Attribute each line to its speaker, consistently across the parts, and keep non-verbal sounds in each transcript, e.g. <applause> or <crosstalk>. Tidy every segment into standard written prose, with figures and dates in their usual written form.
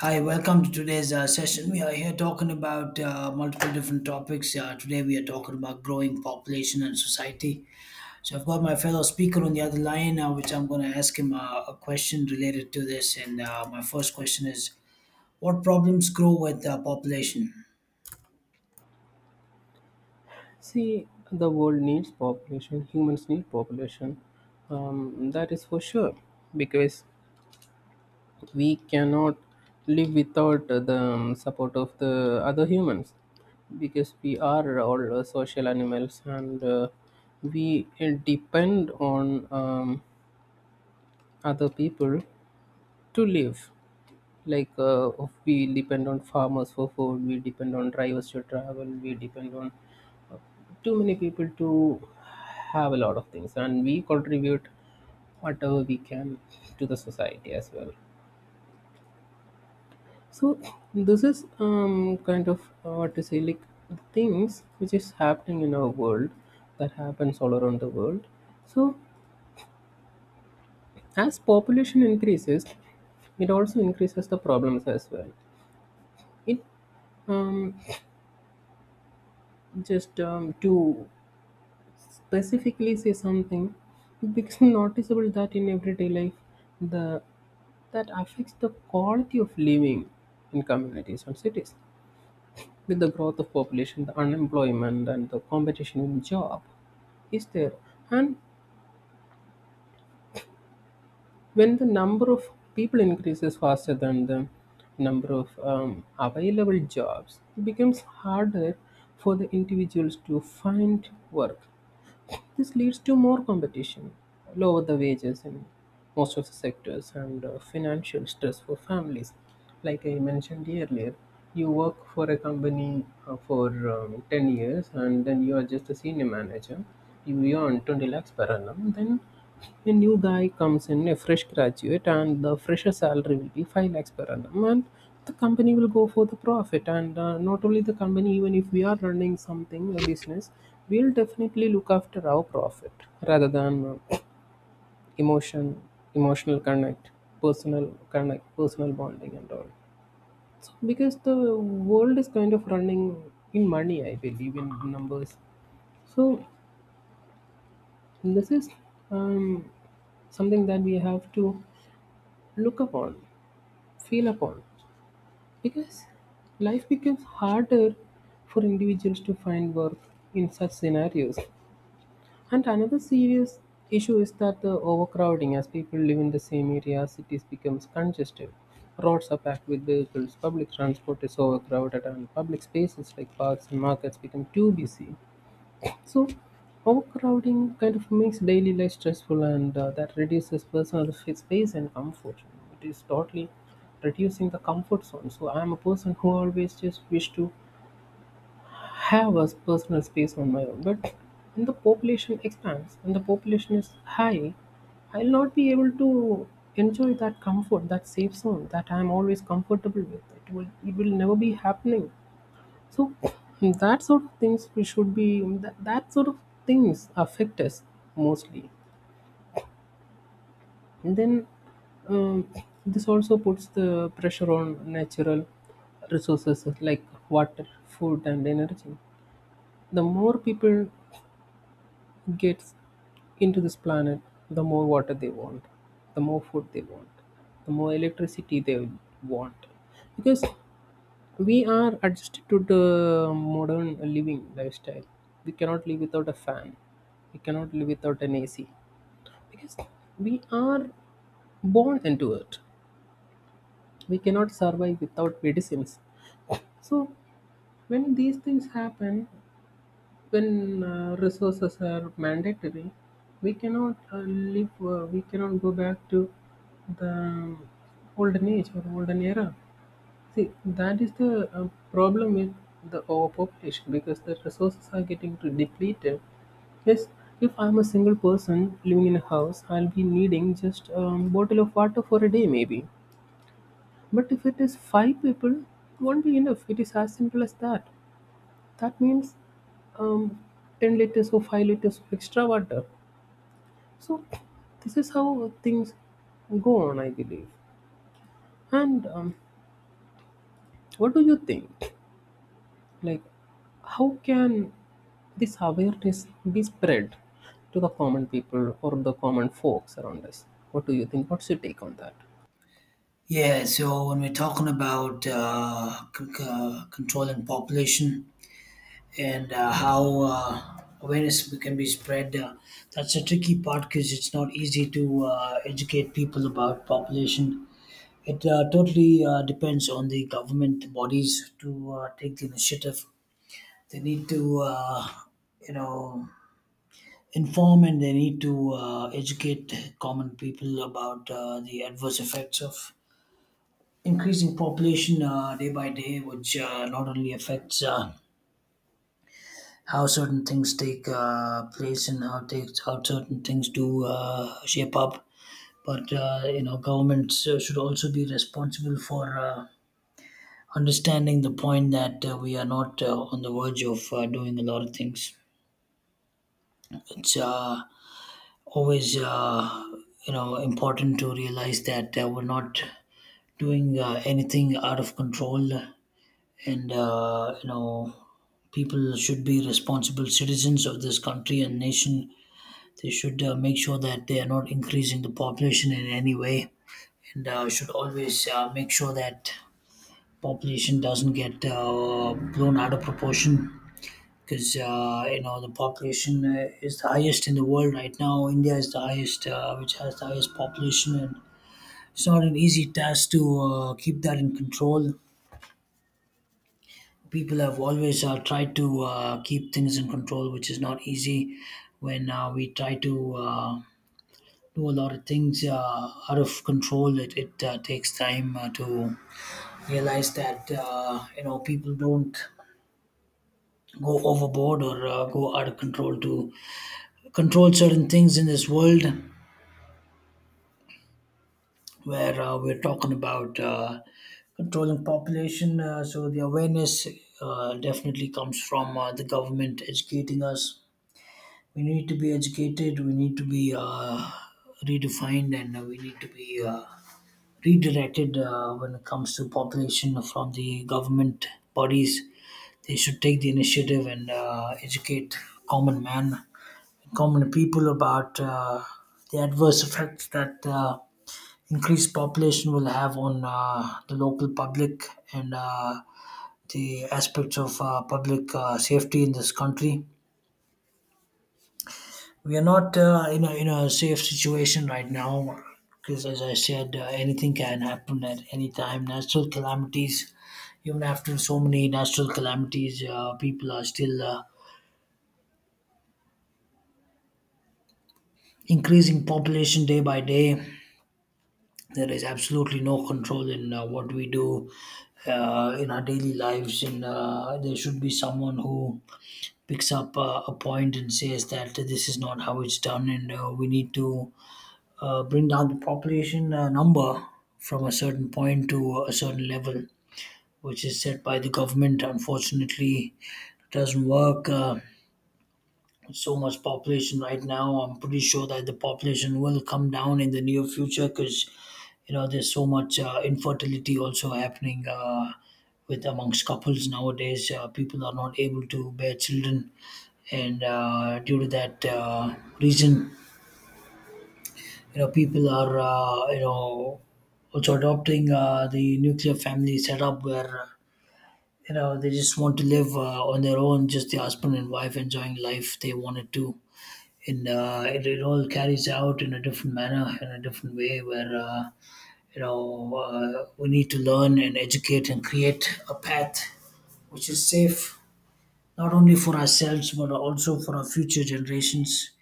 Speaker 1: Hi, welcome to today's session. We are here talking about multiple different topics. Today, we are talking about growing population and society. So, I've got my fellow speaker on the other line, which I'm going to ask him a question related to this. And my first question is: what problems grow with population?
Speaker 2: See, the world needs population, humans need population. That is for sure because we cannot live without the support of the other humans because we are all social animals, and we depend on other people to live. Like we depend on farmers for food, we depend on drivers to travel, we depend on too many people to have a lot of things, and we contribute whatever we can to the society as well. So this is kind of what to say like the things which is happening in our world, that happens all around the world. So as population increases, it also increases the problems as well. It um, just to specifically say something, it becomes <laughs> noticeable that in everyday life the that affects the quality of living in communities and cities. With the growth of population, the unemployment and the competition in job is there. And when the number of people increases faster than the number of available jobs, it becomes harder for the individuals to find work. This leads to more competition, lower the wages in most of the sectors, and financial stress for families. Like I mentioned earlier, you work for a company for 10 years and then you are just a senior manager. You earn 20 lakhs per annum. Then a new guy comes in, a fresh graduate, and the fresher salary will be 5 lakhs per annum. And the company will go for the profit. And not only the company, even if we are running something, a business, we'll definitely look after our profit rather than uh, emotion, emotional connect, personal bonding, and all. So, because the world is kind of running in money, I believe, in numbers. So, this is um, something that we have to look upon, feel upon, because life becomes harder for individuals to find work in such scenarios. And another serious issue is that the overcrowding, as people live in the same area, cities becomes congested. Roads are packed with vehicles, public transport is overcrowded, and public spaces like parks and markets become too busy. So, overcrowding kind of makes daily life stressful, and that reduces personal space and comfort. It is totally reducing the comfort zone. So, I am a person who always just wish to have a personal space on my own. But when the population expands and the population is high, I'll not be able to enjoy that comfort, that safe zone that I'm always comfortable with. It will never be happening, so that sort of things we should be that sort of things affect us mostly. And then um, this also puts the pressure on natural resources like water, food, and energy. The more people get into this planet, the more water they want, the more food they want, the more electricity they want, because we are adjusted to the modern living lifestyle. We cannot live without a fan. We cannot live without an AC because we are born into it. We cannot survive without medicines. So, when these things happen, when resources are mandatory, we cannot we cannot go back to the olden age or olden era. See, that is the problem with the overpopulation because the resources are getting to depleted. Yes, if I'm a single person living in a house, I'll be needing just a bottle of water for a day, maybe. But if it is five people, it won't be enough. It is as simple as that. That means um, 10 liters or 5 liters of extra water. So, this is how things go on, I believe. And what do you think? Like how can this awareness be spread to the common people or the common folks around us? What do you think? What's your take on that?
Speaker 1: Yeah, so when we're talking about controlling population, and how awareness can be spread. That's a tricky part because it's not easy to educate people about population. It totally depends on the government bodies to take the initiative. They need to, you know, inform, and they need to educate common people about the adverse effects of increasing population day by day, which not only affects how certain things take place and how takes how certain things do shape up. But you know, governments should also be responsible for understanding the point that we are not on the verge of doing a lot of things. It's always, you know, important to realize that we're not doing anything out of control, and you know, people should be responsible citizens of this country and nation. They should make sure that they are not increasing the population in any way, and should always make sure that population doesn't get blown out of proportion. Because you know, the population is the highest in the world right now. India is the highest, which has the highest population, and it's not an easy task to keep that in control. People have always tried to keep things in control, which is not easy when we try to do a lot of things out of control. It takes time to realize that you know, people don't go overboard or go out of control to control certain things in this world where we're talking about controlling population. So the awareness definitely comes from the government educating us. We need to be educated. We need to be redefined, and we need to be. Redirected when it comes to population from the government bodies. They should take the initiative and educate common man, common people about the adverse effects that increased population will have on the local public and the aspects of public safety in this country. We are not in a safe situation right now, because as I said, anything can happen at any time. Natural calamities, even after so many natural calamities, people are still increasing population day by day. There is absolutely no control in what we do in our daily lives, and there should be someone who picks up a point and says that this is not how it's done, and we need to bring down the population number from a certain point to a certain level, which is set by the government. Unfortunately, it doesn't work. So much population right now. I'm pretty sure that the population will come down in the near future, because you know, there's so much infertility also happening with, amongst couples nowadays. People are not able to bear children, and due to that reason, you know, people are, you know, also adopting the nuclear family setup where you know, they just want to live on their own, just the husband and wife enjoying life they wanted to. And it all carries out in a different manner, in a different way, where you know, we need to learn and educate and create a path which is safe, not only for ourselves but also for our future generations.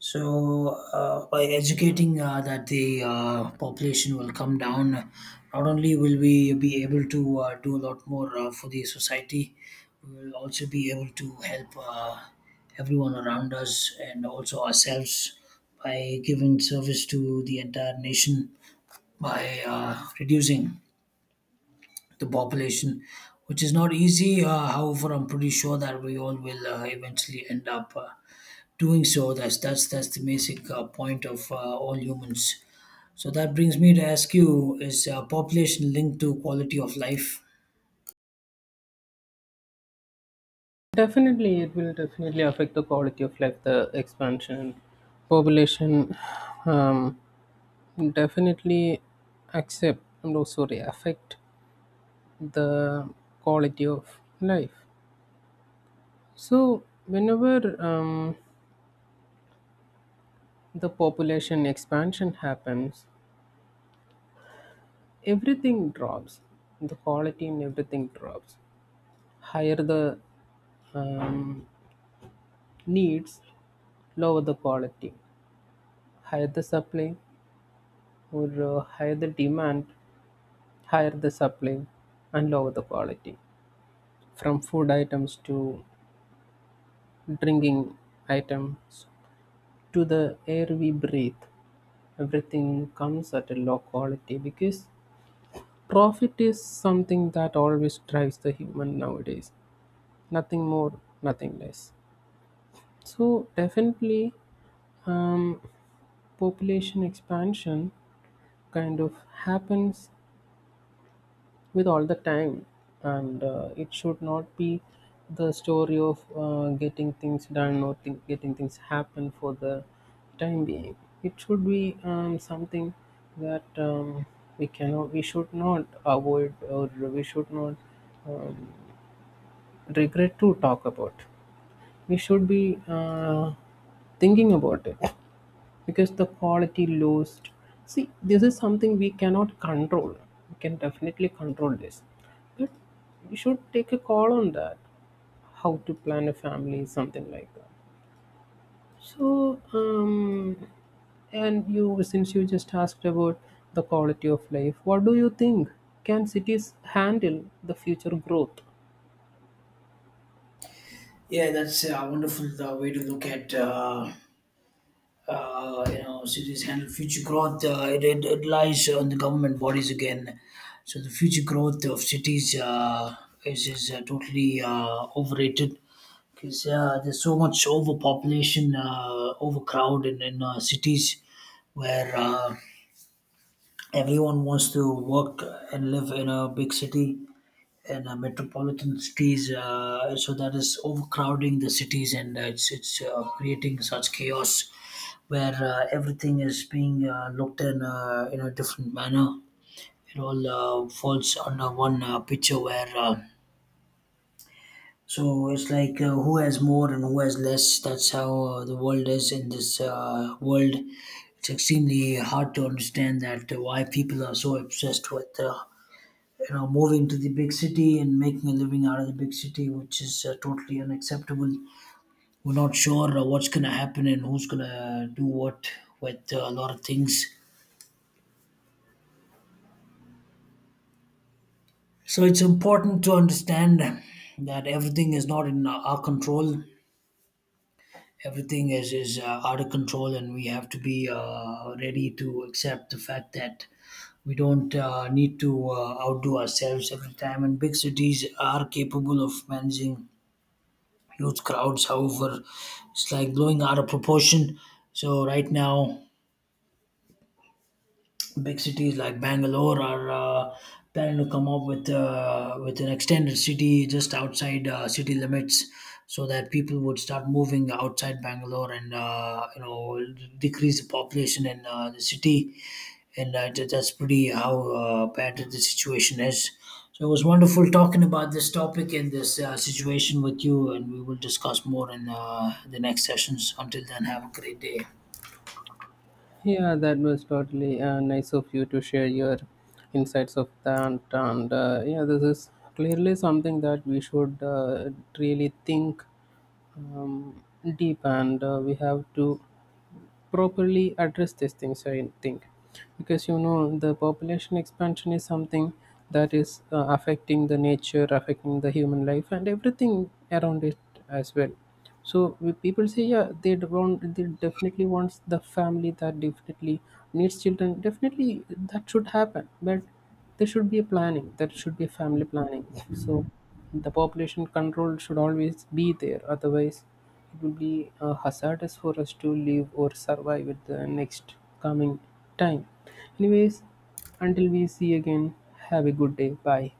Speaker 1: So, by educating that the population will come down, not only will we be able to do a lot more for the society, we will also be able to help everyone around us and also ourselves by giving service to the entire nation by reducing the population, which is not easy. However, I'm pretty sure that we all will eventually end up. Doing so, that's the basic point of all humans. So that brings me to ask you: is population linked to quality of life?
Speaker 2: Definitely, it will definitely affect the quality of life. The expansion population um, definitely accept and also affect the quality of life. So whenever the population expansion happens, everything drops. The quality in everything drops. Higher the um, needs, lower the quality. Higher the supply, or higher the demand, higher the supply, and lower the quality. From food items to drinking items to the air we breathe, everything comes at a low quality, because profit is something that always drives the human nowadays. Nothing more, nothing less. So definitely um, population expansion kind of happens with all the time. And it should not be the story of getting things done or getting things happen for the time being. It should be something that we cannot, we should not avoid, or we should not um, regret to talk about. We should be thinking about it, because the quality lost, see this is something we cannot control. We can definitely control this, but we should take a call on that, how to plan a family, something like that. So and you, since you just asked about the quality of life, what do you think? Can cities handle the future growth?
Speaker 1: Yeah, that's a wonderful way to look at, you know, cities handle future growth. It lies on the government bodies again. So the future growth of cities is totally overrated, because there's so much overpopulation, overcrowd in cities, where everyone wants to work and live in a big city, in a metropolitan cities, so that is overcrowding the cities, and it's creating such chaos where everything is being looked in, in a different manner. It all falls under one picture where so it's like who has more and who has less, that's how the world is in this world. It's extremely hard to understand that why people are so obsessed with you know, moving to the big city and making a living out of the big city, which is totally unacceptable. We're not sure what's going to happen and who's going to do what with a lot of things. So it's important to understand that everything is not in our control, everything is out of control, and we have to be ready to accept the fact that we don't need to outdo ourselves every time, and big cities are capable of managing huge crowds. However, it's like blowing out of proportion. So right now, big cities like Bangalore are planning to come up with an extended city just outside city limits, so that people would start moving outside Bangalore, and you know, decrease the population in the city, and that's pretty how bad the situation is. So it was wonderful talking about this topic and this situation with you, and we will discuss more in the next sessions. Until then, have a great day.
Speaker 2: Yeah, that was totally nice of you to share your insights of that. And yeah, this is clearly something that we should really think um, deep, and we have to properly address these things, I think, because you know the population expansion is something that is affecting the nature, affecting the human life and everything around it as well. So people say, yeah, they d- want they definitely wants the family, that definitely needs children, definitely that should happen. But there should be a planning, there should be a family planning. So the population control should always be there, otherwise it will be hazardous for us to live or survive at the next coming time. Anyways, until we see again, have a good day. Bye.